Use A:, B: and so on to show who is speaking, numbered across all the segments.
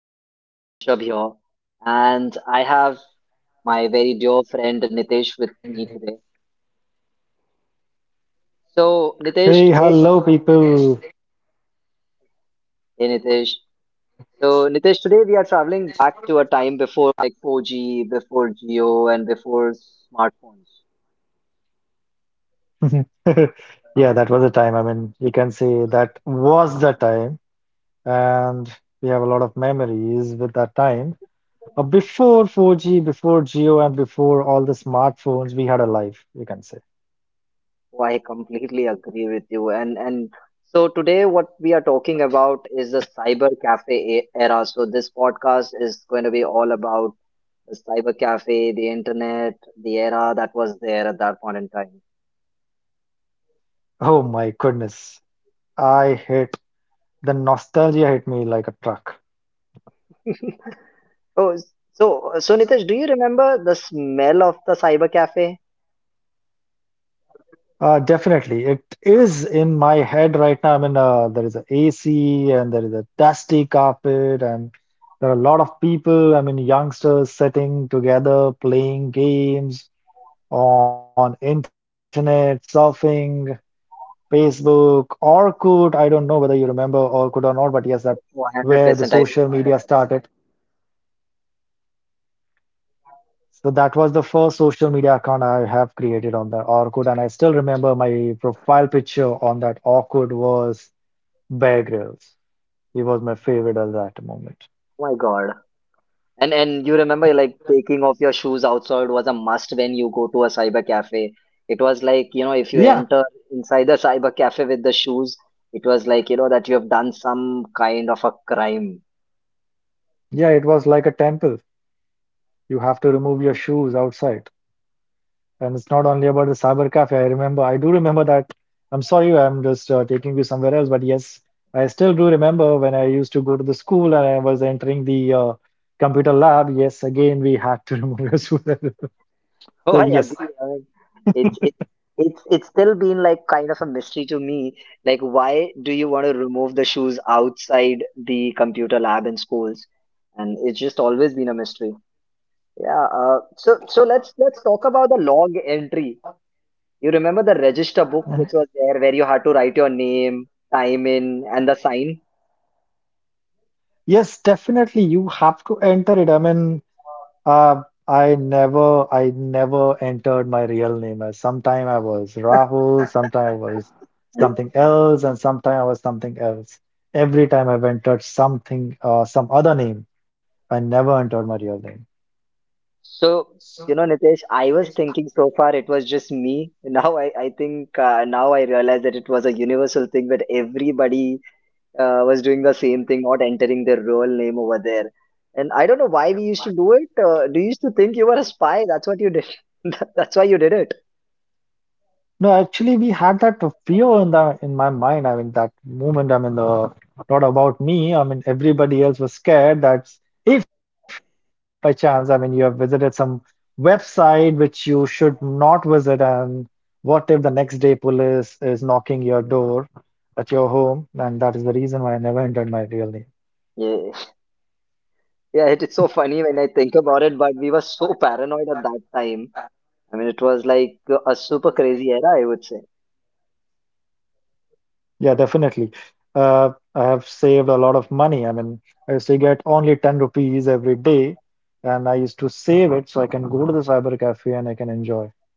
A: your host, Rishabh here, and I have my very dear friend Nitesh with me today. So,
B: Hey,
A: Nitesh,
B: hello,
A: today we are
B: people.
A: hey Nitesh. So, Nitesh, today we are traveling back to a time before like 4G, before Geo, and before smartphones.
B: Yeah, that was a time. You can say that was the time, and we have a lot of memories with that time. Before 4G, before Geo, and before all the smartphones, we had a life, you can say.
A: So, I completely agree with you. And so today, what we are talking about is the cyber cafe era. So, this podcast is going to be all about the cyber cafe, the internet, the era that was there at that point in time.
B: Oh my goodness. I hit The nostalgia hit me like a truck.
A: Oh, so Nitesh, do you remember the smell of the cyber cafe?
B: Definitely. It is in my head right now. There is a AC and there is a dusty carpet, and there are a lot of people. I mean, youngsters sitting together playing games on internet, surfing, Facebook, Orkut. I don't know whether you remember Orkut or not, but yes, that
A: One
B: where the
A: hundred percent,
B: social
A: I do
B: media
A: remember all.
B: started. So that was the first social media account I have created on the Orkut, and I still remember my profile picture on that Orkut was Bear Grylls. He was my favorite at that moment.
A: Oh my God! And you remember like taking off your shoes outside was a must when you go to a cyber cafe. It was like you know if you
B: Yeah,
A: enter inside the cyber cafe with the shoes, it was like you know that you have done some kind of a crime.
B: yeah, it was like a temple. You have to remove your shoes outside. And it's not only about the cyber cafe. I do remember that. I'm sorry, I'm just taking you somewhere else. But yes, I still do remember when I used to go to the school and I was entering the computer lab. Yes, again, we had to remove your shoes.
A: Oh,
B: So,
A: I
B: yes.
A: agree. I mean, it's it's it's still been like kind of a mystery to me. Like, why do you want to remove the shoes outside the computer lab in schools? And it's just always been a mystery. Yeah. So let's talk about the log entry. You remember the register
B: Mhm.
A: book which was there where you had to write your name, time in, and the sign?
B: Yes, definitely. You have to enter it. I mean, Uh, I never entered my real name. As sometime I was Rahul, sometime I was something else, and sometime I was something else. Every time I've entered something, some other name, I never entered my real name.
A: So, you know, Nitesh, I was thinking so far it was just me. Now I think now I realize that it was a universal thing that everybody was doing the same thing, not entering their real name over there. And I don't know why we used to do it. Do you used to think you were a spy? That's what you did. That's why you did it.
B: No, actually, we had that fear in the in my mind. I mean, that moment. I mean, the not about me. I mean, everybody else was scared that if by chance, I mean, you have visited some website which you should not visit, and what if the next day police is knocking your door at your home? And that is the reason why I never entered my real name.
A: Yeah, yeah. It is so funny when I think about it, but we were so paranoid at that time. I mean, it was like a super crazy era, I would say.
B: Yeah, definitely. I have saved a lot of money. I mean, I used to get only 10 rupees every day, and I used to save it so I can go to the cyber cafe and I can enjoy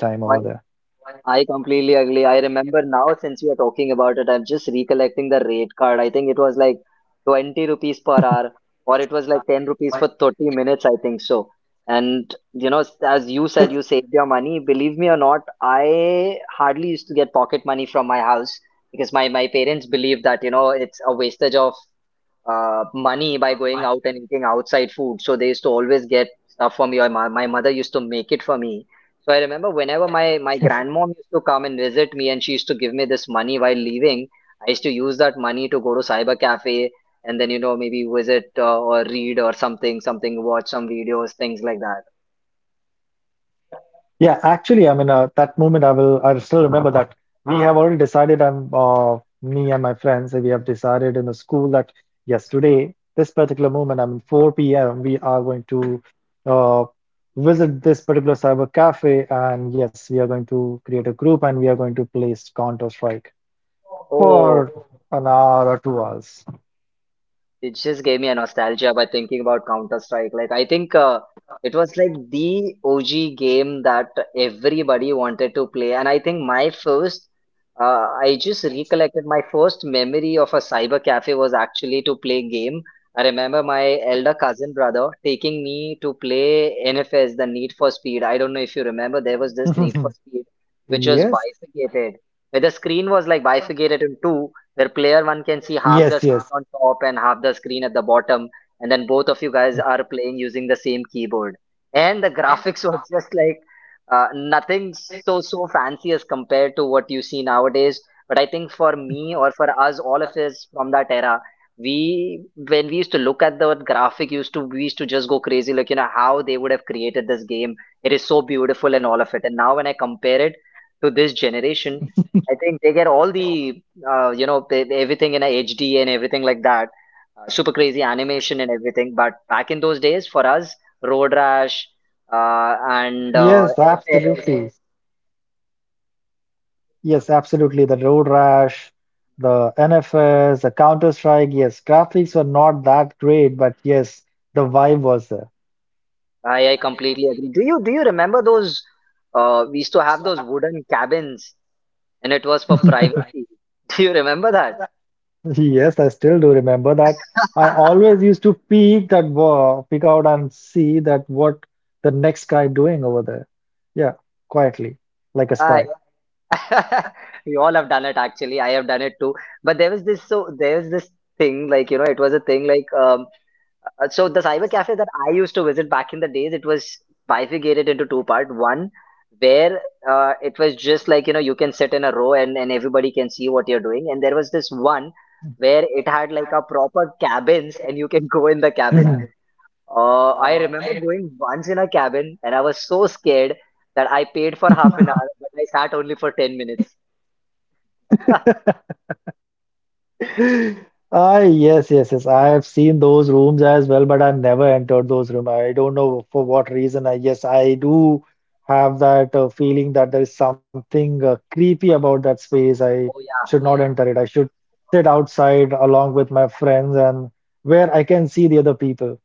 B: my time over
A: I completely agree. I remember now since we are talking about it, I'm just recollecting the rate card. I think it was like 20 rupees per hour, or it was like 10 rupees for 30 minutes, I think so. And you know, as you
B: there.
A: said, you saved your money. Believe me or not, I hardly used to get pocket money from my house because my parents believe that, you know, it's a wastage of money by going out and eating outside food. So they used to always get stuff for me, or my mother used to make it for me. So I remember whenever my grandmom used to come and visit me, and she used to give me this money while leaving, I used to use that money to go to cyber cafe and then you know maybe visit or read or something, watch some videos, things like that.
B: Yeah, actually, that moment, I still remember that we have already decided. Me and my friends, we have decided in the school that yes, today, this particular moment, I mean, 4 p.m., we are going to uh, visit this particular cyber cafe, and yes, we are going to create a group and we are going to play Counter Strike
A: Oh,
B: for an hour or 2 hours.
A: it just gave me a nostalgia by thinking about Counter Strike. Like I think it was like the OG game that everybody wanted to play, and I think my first, I just recollected my first memory of a cyber cafe was actually to play game. I remember my elder cousin brother taking me to play NFS, the Need for Speed. I don't know if you remember, there was this Need for Speed which was
B: Yes,
A: bifurcated. Where the screen was like bifurcated in two, where player one can see half the
B: yes.
A: screen on top and half the screen at the bottom, and then both of you guys are playing using the same keyboard. And the graphics were just like nothing so fancy as compared to what you see nowadays. But I think for me or for us, all of us from that era, we when we used to look at the graphic, used to we used to just go crazy, like you know how they would have created this game. It is so beautiful and all of it. And now when I compare it to this generation, I think they get all the you know everything in a HD and everything like that, super crazy animation and everything. But back in those days, for us, Road Rash and
B: Yes,
A: NFS,
B: absolutely. Yes, absolutely. The road rash, the NFS, the Counter Strike. Yes, graphics were not that great, but yes, the vibe was there.
A: I completely agree. Do you remember those? We used to have those wooden cabins, and it was for privacy. Do you remember that?
B: Yes, I still do remember that. I always used to peek peek out and see that what the next guy doing over there. Yeah, quietly, like a
A: I,
B: spy.
A: we all have done it actually. I have done it too. But there was this so there was this thing like you know it was a thing like so the cyber cafe that I used to visit back in the days, it was bifurcated into two part. One where it was just like you know you can sit in a row and everybody can see what you're doing, and there was this one where it had like a proper cabins and you can go in the cabin.
B: Mhm.
A: I remember going once in a cabin and I was so scared that I paid for half an hour, but I sat only for 10 minutes.
B: Ah, yes. I have seen those rooms as well, but I never entered those rooms. I don't know for what reason. Yes, I do have that feeling that there is something creepy about that space. I
A: Oh
B: should
A: yeah.
B: not Yeah. enter it. I should sit outside along with my friends and where I can see the other people.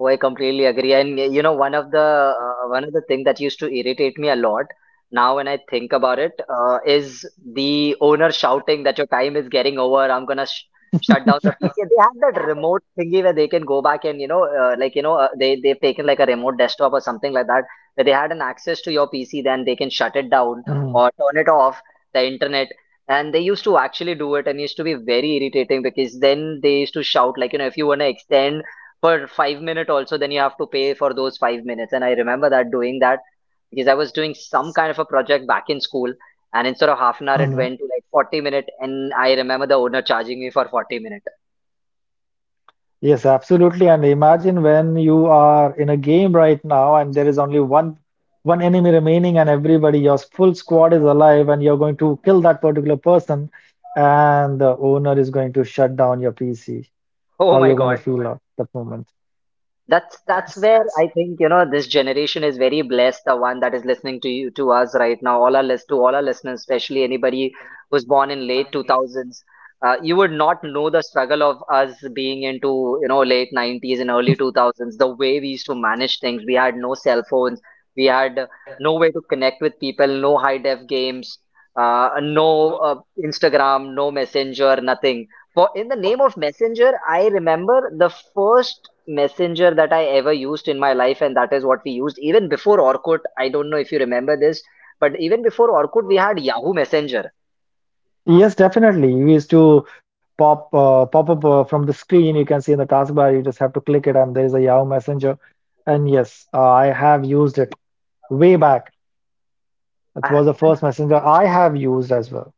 A: Oh, I completely agree. And you know, one of the thing that used to irritate me a lot now when I think about it is the owner shouting that your time is getting over. I'm gonna sh shut down the PC. And they have that remote thingy where they can go back and you know, like you know, they they've taken like a remote desktop or something like that, where they had an access to your PC, then they can shut it down or turn it off the internet. And they used to actually do it, and it used to be very irritating because then they used to shout like you know, if you wanna extend for 5 minutes, also then you have to pay for those 5 minutes. And I remember that doing that because I was doing some kind of a project back in school, and instead of half an hour it went to like 40 minutes. And I remember the owner charging me for 40 minutes.
B: Yes, absolutely. And imagine when you are in a game right now and there is only one enemy remaining and everybody, your full squad is alive and you're going to kill that particular person and the owner is going to shut down your PC.
A: Oh
B: How
A: my
B: you're going to
A: God.
B: feel at that moment?
A: That's where I think you know this generation is very blessed. The one that is listening to you to us right now, all our listeners, especially anybody who's born in late two thousands, you would not know the struggle of us being into you know late 90s and early two thousands. The way we used to manage things, we had no cell phones, we had no way to connect with people, no high def games, no Instagram, no Messenger, nothing. For in the name of Messenger, I remember the first messenger that I ever used in my life, and that is what we used even before Orkut. I don't know if you remember this, but even before Orkut, we had Yahoo Messenger.
B: Yes, definitely. We used to pop up from the screen. You can see in the taskbar. You just have to click it and there is a Yahoo Messenger. And yes, I have used it way back. It
A: I,
B: was the first messenger I have used as well.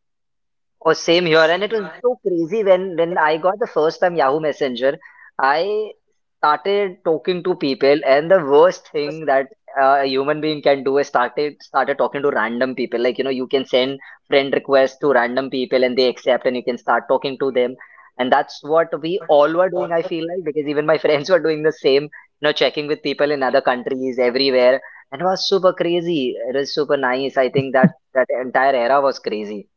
A: Oh, same here. And it was so crazy when I got the first time Yahoo Messenger, I started talking to people, and the worst thing that a human being can do is started talking to random people. Like, you know, you can send friend requests to random people and they accept and you can start talking to them. And that's what we all were doing, I feel like, because even my friends were doing the same, you know, checking with people in other countries everywhere. And it was super crazy. It was super nice. I think that entire era was crazy.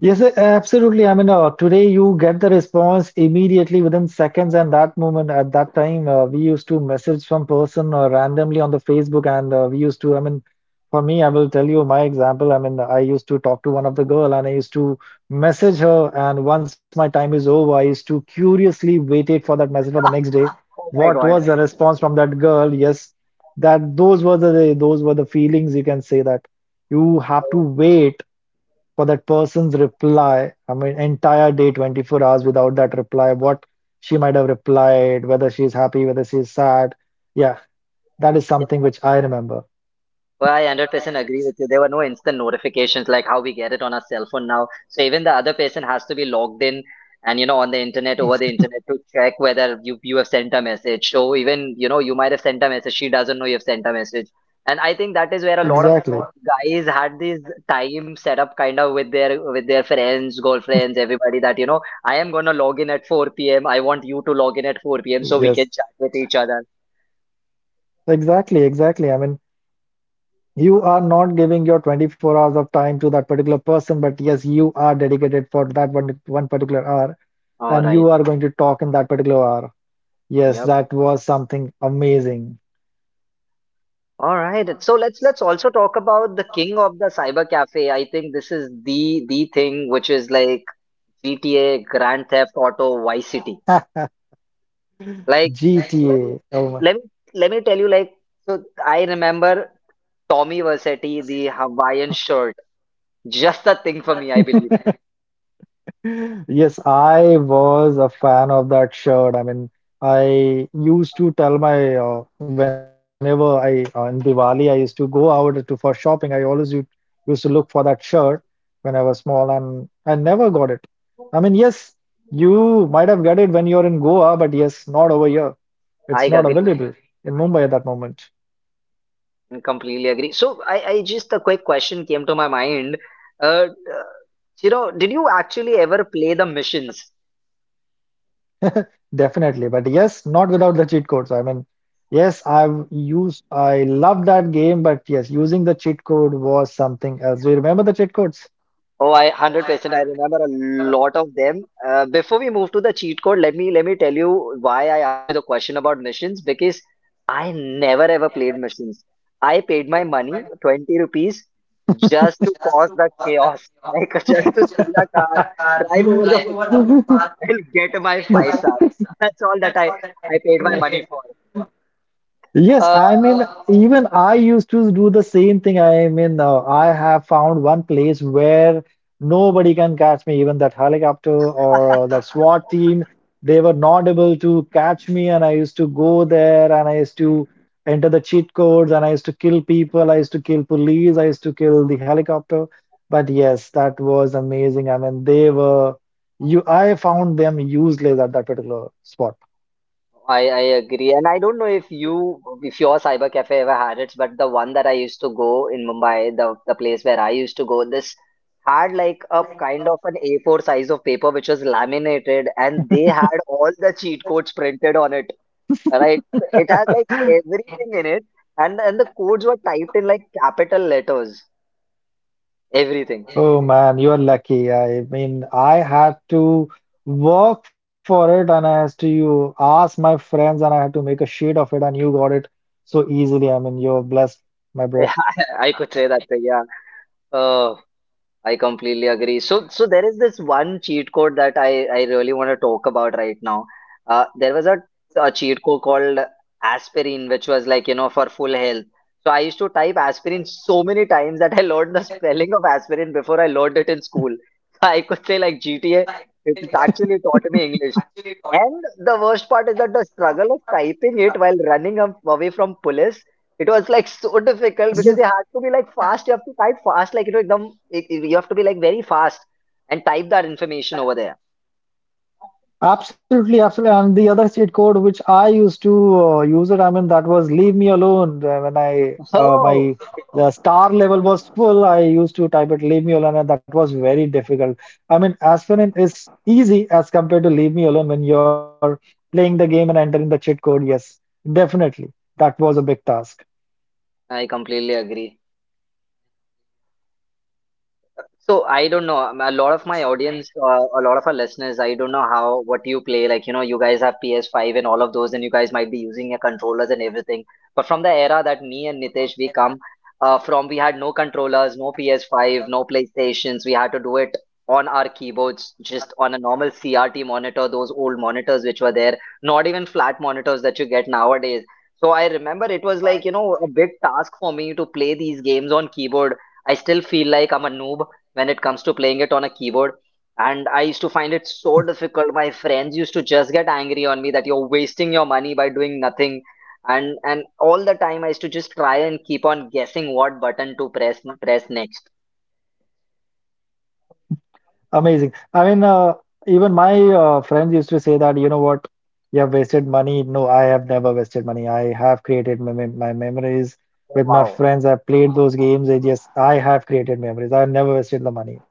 B: Yes, a- absolutely. Today you get the response immediately within seconds, and that moment at that time, we used to message some person randomly on the Facebook, and we used to. I mean, for me, I will tell you my example. I mean, I used to talk to one of the girl, and I used to message her, and once my time is over, I used to curiously waited for that message for the next day.
A: Oh my
B: What
A: God.
B: was the response from that girl? Yes, that those were the feelings. You can say that you have to
A: Oh,
B: wait for that person's reply. I mean, entire day, 24 hours without that reply, what she might have replied, whether she's happy, whether she's sad. Yeah, that is
A: yeah.
B: something which I remember.
A: Well, I 100% agree with you. There were no instant notifications like how we get it on our cell phone now. So even the other person has to be logged in and, you know, on the internet, over
B: Yes.
A: the internet to check whether you have sent a message. So even, you know, you might have sent a message. She doesn't know you've sent a message. And I think that is where a lot of
B: Exactly.
A: guys had this time set up kind of with their friends, girlfriends, everybody that, you know, I am gonna log in at 4 p.m. I want you to log in at 4 p.m. so we
B: Yes,
A: can chat with each other.
B: Exactly. I mean, you are not giving your 24 hours of time to that particular person, but yes, you are dedicated for that one particular hour,
A: All
B: and
A: right.
B: you are going to talk in that particular hour. Yes,
A: Yep.
B: that was something amazing.
A: All right. So let's also talk about the king of the cyber cafe. I think this is the thing which is like GTA, Grand Theft Auto, Vice City. Like let me
B: GTA. Oh
A: let me let me tell you like so I remember Tommy Versetti, the Hawaiian shirt. Just the thing for me, I believe.
B: Yes, I was a fan of that shirt. I mean, I used to tell my whenever I in Diwali, I used to go out to for shopping. Used to look for that shirt when I was small, and I never got it. I mean, yes, you might have got it when you're in Goa, but yes, not over here.
A: I
B: It's not
A: agree.
B: available in Mumbai at that moment.
A: I completely agree. I just a quick question came to my mind. Uh, uh, you know, did you actually ever play the missions?
B: Definitely, but yes, not without the cheat codes. I mean, I love that game, but yes, using the cheat code was something else. Do you remember the cheat codes?
A: Oh, I 100% I remember a lot of them. Before we move to the cheat code, let me tell you why I asked you the question about missions because I never ever played missions. I paid my money, 20 rupees, just to cause the chaos, like just to steal a car, drive over the footpath, and get my five stars. That's all that I paid my money for.
B: Yes,
A: Uh,
B: I mean, even I used to do the same thing. I have found one place where nobody can catch me, even that helicopter or that SWAT team, they were not able to catch me. And I used to go there and I used to enter the cheat codes and I used to kill people. I used to kill police. I used to kill the helicopter. But yes, that was amazing. I found them useless at that particular spot.
A: I agree, and I don't know if you if your cyber cafe ever had it, but the one that I used to go in Mumbai, the place where I used to go, this had like a kind of an A4 size of paper which was laminated, and they had all the cheat codes printed on it. Right, it had like everything in it, and the codes were typed in like capital letters, everything.
B: Oh man, you're lucky. I mean, I had to work for it and I had to you ask my friends and I had to make a sheet of it and you got it so easily. I mean, you're blessed, my
A: Yeah,
B: bro.
A: I could say that. Yeah. Uh, I completely agree. So there is this one cheat code that I really want to talk about right now. There was a cheat code called aspirin, which was like, you know, for full health. So I used to type aspirin so many times that I learned the spelling of aspirin before I learned it in school. I could say like GTA, it actually taught me English. And the worst part is that the struggle of typing it while running away from police it was like so difficult because
B: Yes.
A: you had to be like fast. You have to type fast, like you know, you have to be like very fast and type that information over there.
B: Absolutely. And the other cheat code which I used to use it, I mean, that was leave me alone. When I
A: Oh,
B: my
A: okay.
B: the star level was full, I used to type it leave me alone, and that was very difficult. I mean, aspirin is easy as compared to leave me alone when you're playing the game and entering the cheat code. Yes, definitely, that was a big task.
A: I completely agree. So I don't know. A lot of my audience, a lot of our listeners, I don't know how what you play. Like you know, you guys have PS5 and all of those, and you guys might be using your controllers and everything. But from the era that me and Nitesh we come from, we had no controllers, no PS5, no PlayStations. We had to do it on our keyboards, just on a normal CRT monitor, those old monitors which were there, not even flat monitors that you get nowadays. So I remember it was like you know a big task for me to play these games on keyboard. I still feel like I'm a noob when it comes to playing it on a keyboard. And I used to find it so difficult. My friends used to just get angry on me that you're wasting your money by doing nothing. And all the time I used to just try and keep on guessing what button to press next.
B: Amazing. Even my friends used to say that, you know what, you have wasted money. No, I have never wasted money. I have created my, mem- my memories
A: Oh
B: with my
A: wow.
B: friends. I played those games. I have created memories. I never wasted the money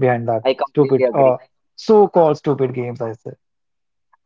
B: behind
A: I
B: that
A: completely agree.
B: so-called stupid games, I say.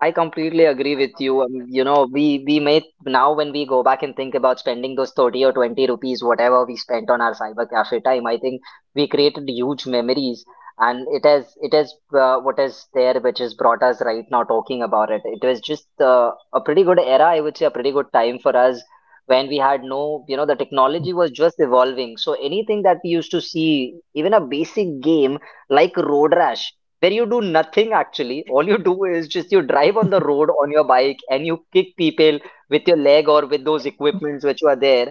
A: I completely agree with you. You know, we may now when we go back and think about spending those 30 or 20 rupees, whatever we spent on our cyber cafe time, I think we created huge memories, and it is what is there, which has brought us right now talking about it. It was just a pretty good era, I would say, a pretty good time for us when we had no, you know, the technology was just evolving. So anything that we used to see, even a basic game like Road Rash where you do nothing actually. All you do is just you drive on the road on your bike and you kick people with your leg or with those equipments which were there.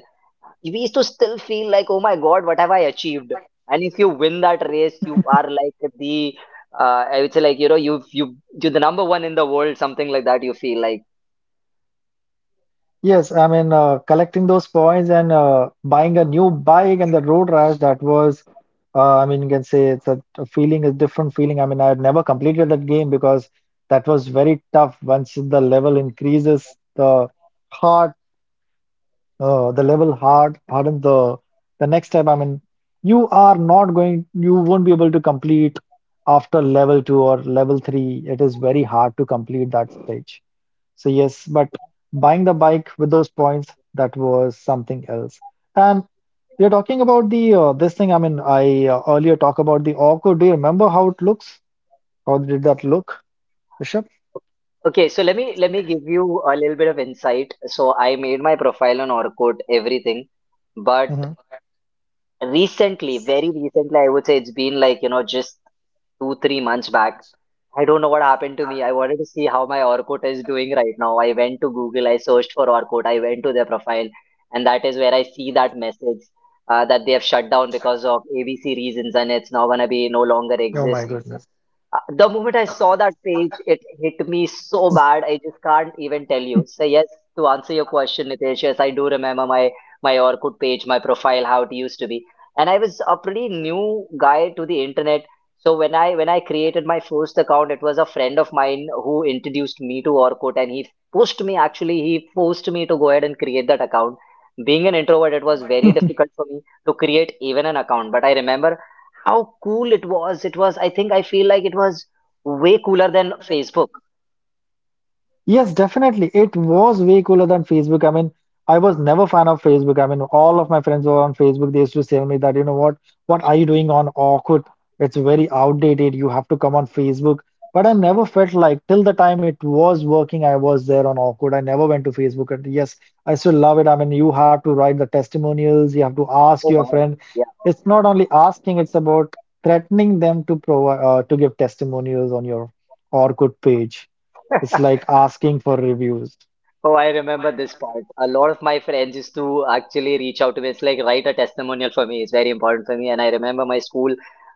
A: We used to still feel like, oh my god, what have I achieved? And if you win that race, you are like I would say like you know you're the number one in the world, something like that. You feel like.
B: Yes, I mean, collecting those points and buying a new bike and the road rash, I mean, you can say it's a feeling, a different feeling. I mean, I had never completed that game because that was very tough. Once the level increases, the hard, the level hard, hardens the next step. I mean, you are not going, you won't be able to complete after level two or level three. It is very hard to complete that stage. So yes, but buying the bike with those points, that was something else. And you're talking about the this thing. I mean, I earlier talked about the Orco. Do you remember how it looks? How did that look, Bishop?
A: Okay, so let me give you a little bit of insight. So I made my profile on Orkut, everything, but
B: Hmm
A: recently, very recently, I would say it's been like you know just 2 3 months back. I don't know what happened to me. I wanted to see how my Orkut is doing right now. I went to Google, I searched for Orkut, I went to their profile, and that is where I see that message, that they have shut down because of ABC reasons and it's now going to be no longer
B: Oh my
A: exist.
B: goodness.
A: The moment I saw that page, it hit me so bad. I just can't even tell you. So yes, to answer your question, Nitesh, yes, I do remember my Orkut page, my profile, how it used to be. And I was a pretty new guy to the internet. So when I created my first account, it was a friend of mine who introduced me to Orkut, and he pushed me actually, he forced me to go ahead and create that account. Being an introvert, it was very difficult for me to create even an account. But I remember how cool it was. It was, I think, I feel like it was way cooler than Facebook.
B: Yes, definitely. It was way cooler than Facebook. I mean, I was never fan of Facebook. I mean, all of my friends were on Facebook. They used to tell me that, you know what are you doing on Orkut? It's very outdated. You have to come on Facebook. But I never felt like till the time it was working, I was there on Orkut. I never went to Facebook. And yes, I still love it. I mean, you have to write the testimonials. You have to ask
A: Oh,
B: your
A: wow.
B: friend.
A: Yeah.
B: It's not only asking, it's about threatening them to provide to give testimonials on your Orkut page. It's like asking for reviews.
A: Oh, I remember this part. A lot of my friends used to actually reach out to me. It's like write a testimonial for me. It's very important for me. And I remember my school,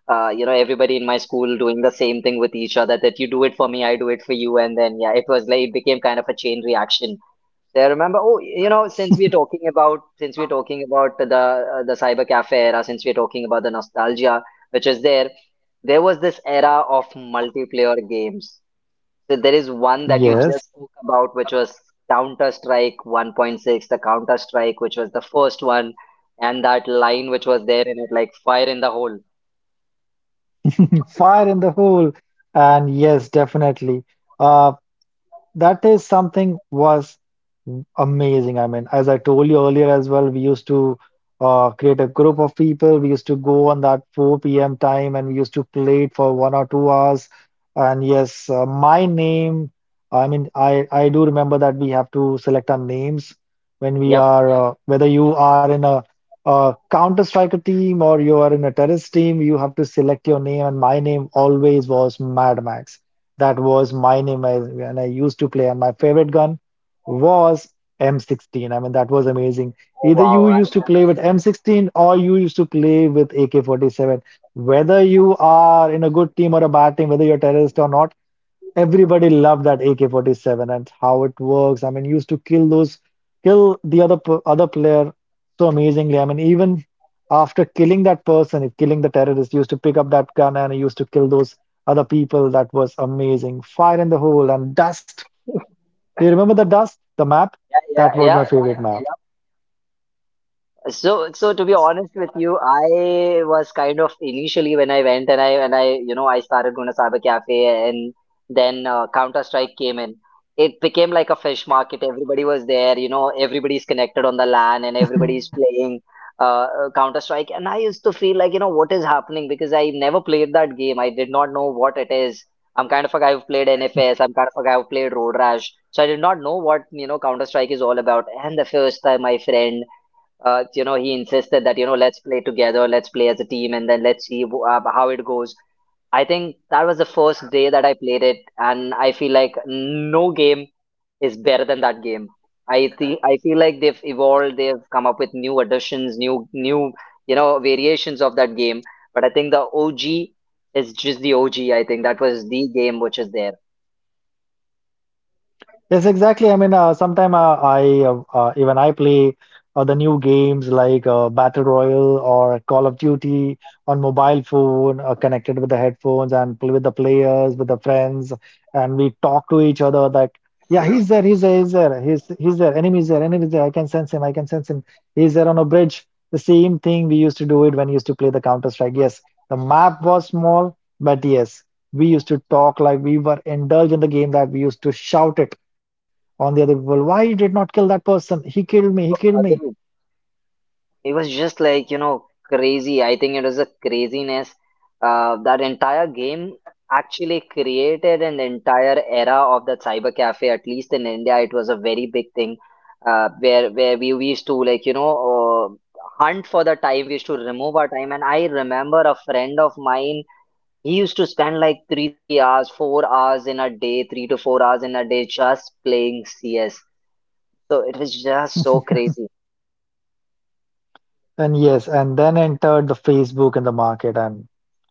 A: you know, everybody in my school doing the same thing with each other that you do it for me, I do it for you. And then, yeah, it was like, it became kind of a chain reaction. So I remember, oh, you know, since we're talking about the cyber cafe era, since we're talking about the nostalgia, which is there, there was this era of multiplayer games. So there is one that you
B: Yes,
A: just spoke about, which was Counter Strike 1.6, the Counter Strike, which was the first one, and that line which was there in it, like fire in the hole.
B: fire in the hole. And yes, definitely. Uh, that is something was amazing. I mean, as I told you earlier as well, we used to create a group of people. We used to go on that 4 p.m. time and we used to play it for 1 or 2 hours. And yes, my I mean, I do remember that we have to select our names when we
A: Yep.
B: are, whether you are in a Counter Striker team or you are in a terrorist team, you have to select your name. And my name always was Mad Max. That was my name when I used to play. And my favorite gun was M16. I mean, that was amazing.
A: Oh
B: Either you
A: wow, I
B: used to
A: remember.
B: play with M16 or you used to play with AK-47. Whether you are in a good team or a bad team, whether you're a terrorist or not, everybody loved that AK-47 and how it works. I mean, used to kill kill the other player so amazingly. I mean, even after killing that person, if killing the terrorist, used to pick up that gun and he used to kill those other people. That was amazing. Fire in the hole and dust. Do you remember the dust? The map?
A: Yeah,
B: That
A: yeah,
B: was
A: yeah,
B: my favorite map.
A: yeah. So, to be honest with you, I was kind of initially when I went and I you know I started going to Cyber Cafe and then Counter Strike came in. It became like a fish market. Everybody was there, you know, everybody's connected on the LAN and everybody's playing uh, Counter Strike. And I used to feel like, you know, what is happening because I never played that game. I did not know what it is. I'm kind of a guy who played NFS. I'm kind of a guy who played Road Rash. So I did not know what, you know, Counter Strike is all about. And the first time my friend you know, he insisted that, you know, let's play together, let's play as a team, and then let's see how it goes. I think that was the first day that I played it, and I feel like no game is better than that game. I think I feel like they've evolved, they've come up with new additions, new you know variations of that game. But I think the OG is just the OG. I think that was the game which is there.
B: Yes, exactly. I mean, sometime I even I play the new games like Battle Royale or Call of Duty on mobile phone, connected with the headphones and play with the players, with the friends, and we talk to each other that yeah, he's there, he's there, he's there, he's there, enemy's there, enemy's there. I can sense him, I can sense him. He's there on a bridge. The same thing we used to do it when we used to play the Counter Strike. Yes, the map was small, but yes, we used to talk like we were indulged in the game that we used to shout it on the other people why you did not kill that person, he killed me, he killed me.
A: Agreed. It was just like you know crazy. I think it was a craziness, that entire game actually created an entire era of that cyber cafe. At least in India, it was a very big thing, where we used to like you know hunt for the time, we used to remove our time. And I remember a friend of mine, he used to spend like 3 to 4 hours in a day just playing CS. So it was just so crazy.
B: And yes, and then entered the Facebook and the market, and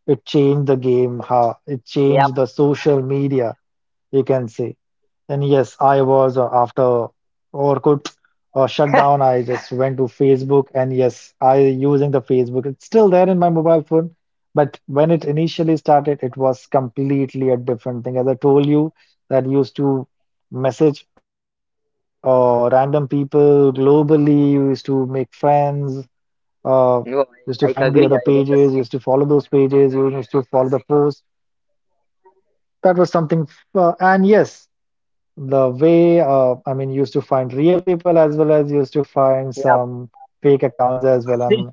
B: it changed the game, how it
A: Yep.
B: changed the social media, you can say. And yes, I was after Orkut shut down, I just went to Facebook, and yes, I using the Facebook. It's still there in my mobile phone, but when it initially started, it was completely a different thing. As I told you, that used to message random people globally, used to make friends, uh, used to
A: No,
B: find
A: I,
B: the
A: I
B: other
A: agree. I did
B: pages,
A: the
B: used
A: same.
B: to follow those pages, used to follow the posts. That was something, and yes the way I mean used to find real people as well as used to find
A: Yeah,
B: some fake accounts as well.
A: three
B: And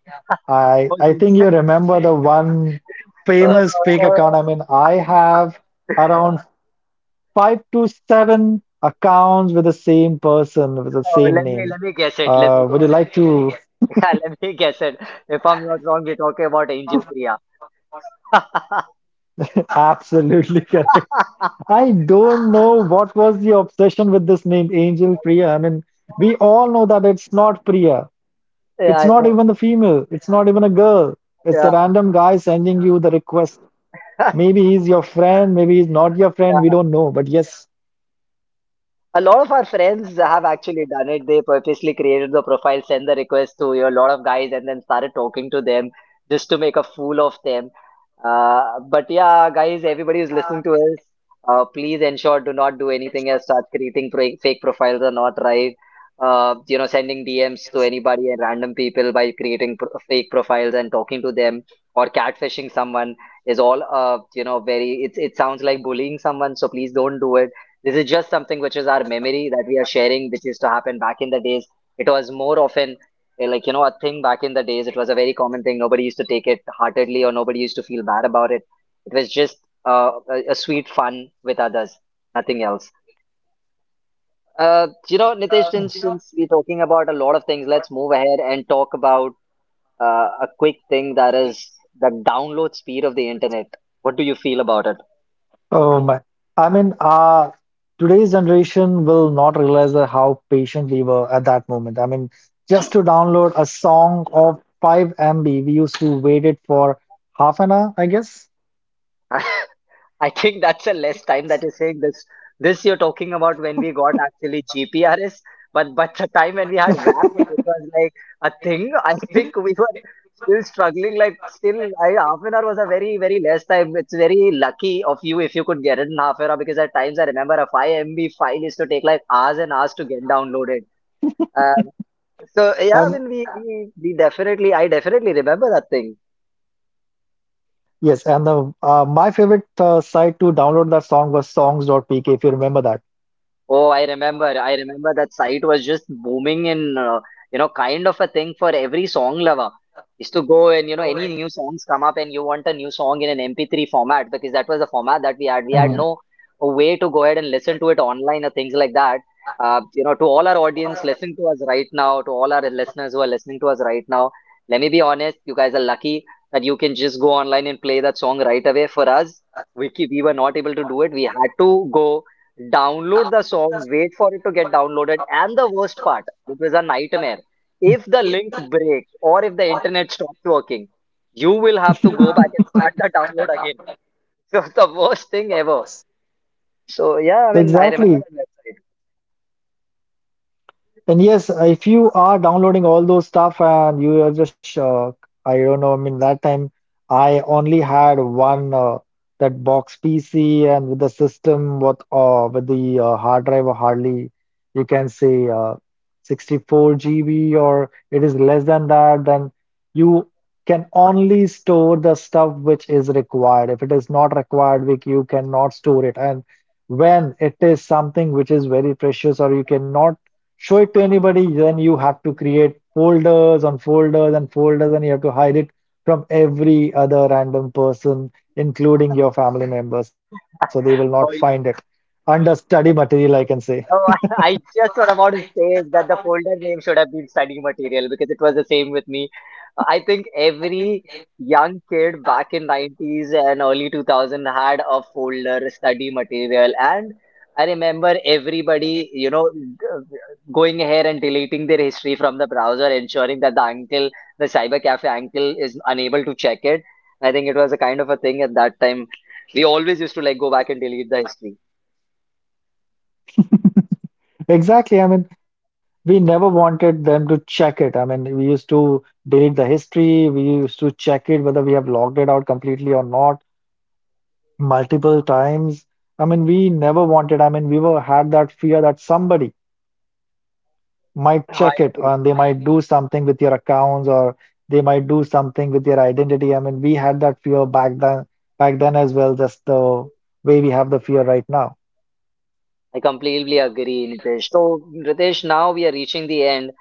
B: I
A: thousands.
B: think you remember the one famous fake
A: Oh,
B: account. I mean, I have around five to seven accounts with the same person with the
A: oh,
B: same
A: let
B: name.
A: me guess it. Let me guess
B: Would you
A: it.
B: like to?
A: Yeah, let me guess it. If I'm not wrong, we're talking about Angel Priya.
B: Absolutely correct. I don't know what was the obsession with this name, Angel Priya. I mean, we all know that it's not Priya.
A: Yeah,
B: It's
A: I
B: not
A: know.
B: even the female. It's not even a girl. It's a
A: Yeah,
B: random guy sending you the request. Maybe he's your friend. Maybe he's not your friend. We
A: yeah.
B: don't know. But yes,
A: A lot of our friends have actually done it. They purposely created the profile, sent the request to a lot of guys, and then started talking to them just to make a fool of them. Uh, but yeah, guys, everybody who's listening to us, please ensure do not do anything as such. Creating fake profiles are not right. You know, sending DMs to anybody and random people by creating fake profiles and talking to them or catfishing someone is all you know very. It sounds like bullying someone, so please don't do it. This is just something which is our memory that we are sharing, which used to happen back in the days. It was more often like, you know, a thing back in the days. It was a very common thing. Nobody used to take it heartedly or nobody used to feel bad about it. It was just a sweet fun with others, nothing else. Nitesh, since we're talking about a lot of things, let's move ahead and talk about a quick thing that is the download speed of the internet. What do you feel about it?
B: oh my. I mean, today's generation will not realize that how patient we were at that moment. I mean, just to download a song of 5 MB, we used to wait it for half an hour, I guess.
A: I think that's a less time that you're saying this. This you're talking about when we got actually GPRS, but the time when we had WAP, which was like a thing, I think we were still struggling. Like still, half an hour was a very very less time. It's very lucky of you if you could get it in half an hour because at times I remember a five MB file used to take like hours and hours to get downloaded. Um, so yeah, I
B: Um,
A: mean we definitely I definitely remember that thing.
B: Yes, and the my favorite site to download that song was songs dot pk. If you remember that.
A: Oh, I remember. I remember that site was just booming in, kind of a thing for every song lover. Is to go and any new songs come up and you want a new song in an MP3 format because that was the format that we had. We had
B: Mhm.
A: no way to go ahead and listen to it online or things like that. To all our audience listen to us right now, to all our listeners who are listening to us right now, let me be honest, you guys are lucky that you can just go online and play that song right away. For us, we were not able to do it. We had to go download the song, wait for it to get downloaded, and the worst part, it was a nightmare. If the link breaks or if the internet stops working, you will have to go back and start the download again. So it's the worst thing ever. So yeah, I mean, I remember
B: Exactly.
A: that
B: And yes, if you are downloading all those stuff and you are just, I don't know, I mean, that time I only had one that box PC and with the system, what with the hard drive, or hardly you can say 64 GB or it is less than that, then you can only store the stuff which is required. If it is not required, you cannot store it. And when it is something which is very precious or you cannot show it to anybody, then you have to create folders on folders and folders, and you have to hide it from every other random person, including your family members, so they will not find it.
A: website.
B: Under study material, I can say.
A: Oh, I just was about to say that the folder name should have been study material because it was the same with me. I think every young kid back in 90s and early 2000 had a folder study material, and I remember everybody, going ahead and deleting their history from the browser, ensuring that the cyber cafe uncle is unable to check it. I think it was a kind of a thing at that time. We always used to like go back and delete the history.
B: Exactly. I mean, we never wanted them to check it. I mean, we used to delete the history, we used to check it whether we have logged it out completely or not multiple times. I mean, we never wanted, I mean, we were had that fear that somebody might
A: I
B: check it
A: agree
B: and they might do something with your accounts or they might do something with your identity. I mean, we had that fear back then as well, just the way we have the fear right now.
A: I completely agree, Nitesh. So, Ritesh, now we are reaching the end,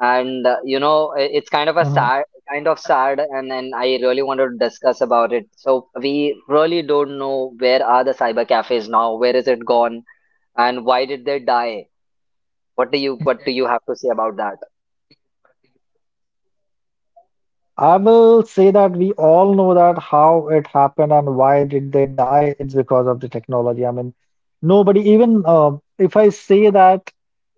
A: and it's
B: Mhm.
A: kind of sad, and I really wanted to discuss about it. So, we really don't know, where are the cyber cafes now? Where is it gone? And why did they die? What do you have to say about that?
B: I will say that we all know that how it happened and why did they die. It's because of the technology. I mean, nobody, even if I say that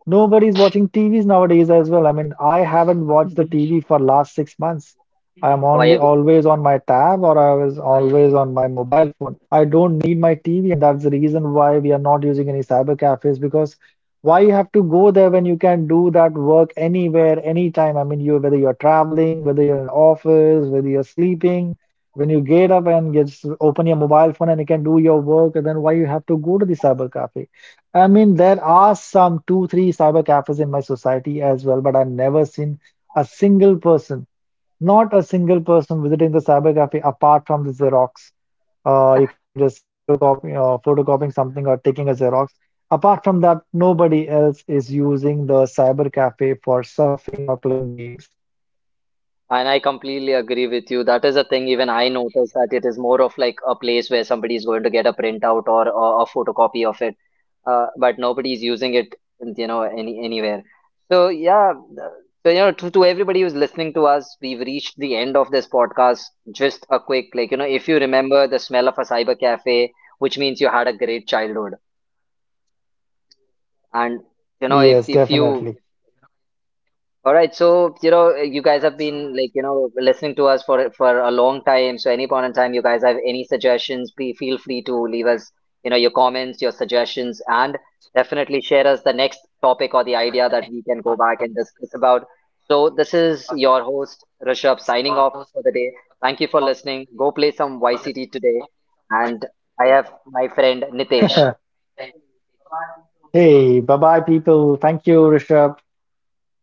B: nobody's watching TVs nowadays as well. I mean, I haven't watched the
A: Mhm.
B: TV for last 6 months. I am
A: Oh, I
B: only
A: agree.
B: always on my tab or I was always on my mobile phone. I don't need my TV, and that's the reason why we are not using any cyber cafes because why you have to go there when you can do that work anywhere, anytime? I mean, you whether you're traveling, whether you're in office, whether you're sleeping, when you get up and just open your mobile phone and you can do your work, and then why you have to go to the cyber cafe? I mean, there are some two, three cyber cafes in my society as well, but I've never seen a single person, not a single person visiting the cyber cafe apart from the Xerox. You can just photocopy, photocopying something or taking a Xerox. Apart from that, nobody else is using the cyber cafe for surfing or playing games.
A: And I completely agree with you. That is a thing even I noticed, that it is more of like a place where somebody is going to get a printout or a photocopy of it, but nobody's using it, anywhere. So yeah, uh, so to everybody who's listening to us, we've reached the end of this podcast. Just a quick, if you remember the smell of a cyber cafe, which means you had a great childhood. And you know
B: Yes,
A: if
B: definitely.
A: you All right, so you guys have been listening to us for a long time. So any point in time, you guys have any suggestions, be feel free to leave us your comments, your suggestions, and definitely share us the next topic or the idea that we can go back and discuss about. So this is your host Rishabh signing off for the day. Thank you for listening. Go play some YCT today, and I have my friend Nitesh.
B: Hey, bye bye, people. Thank you, Rishabh.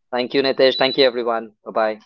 A: Thank you, Nitesh. Thank you, everyone. Bye bye.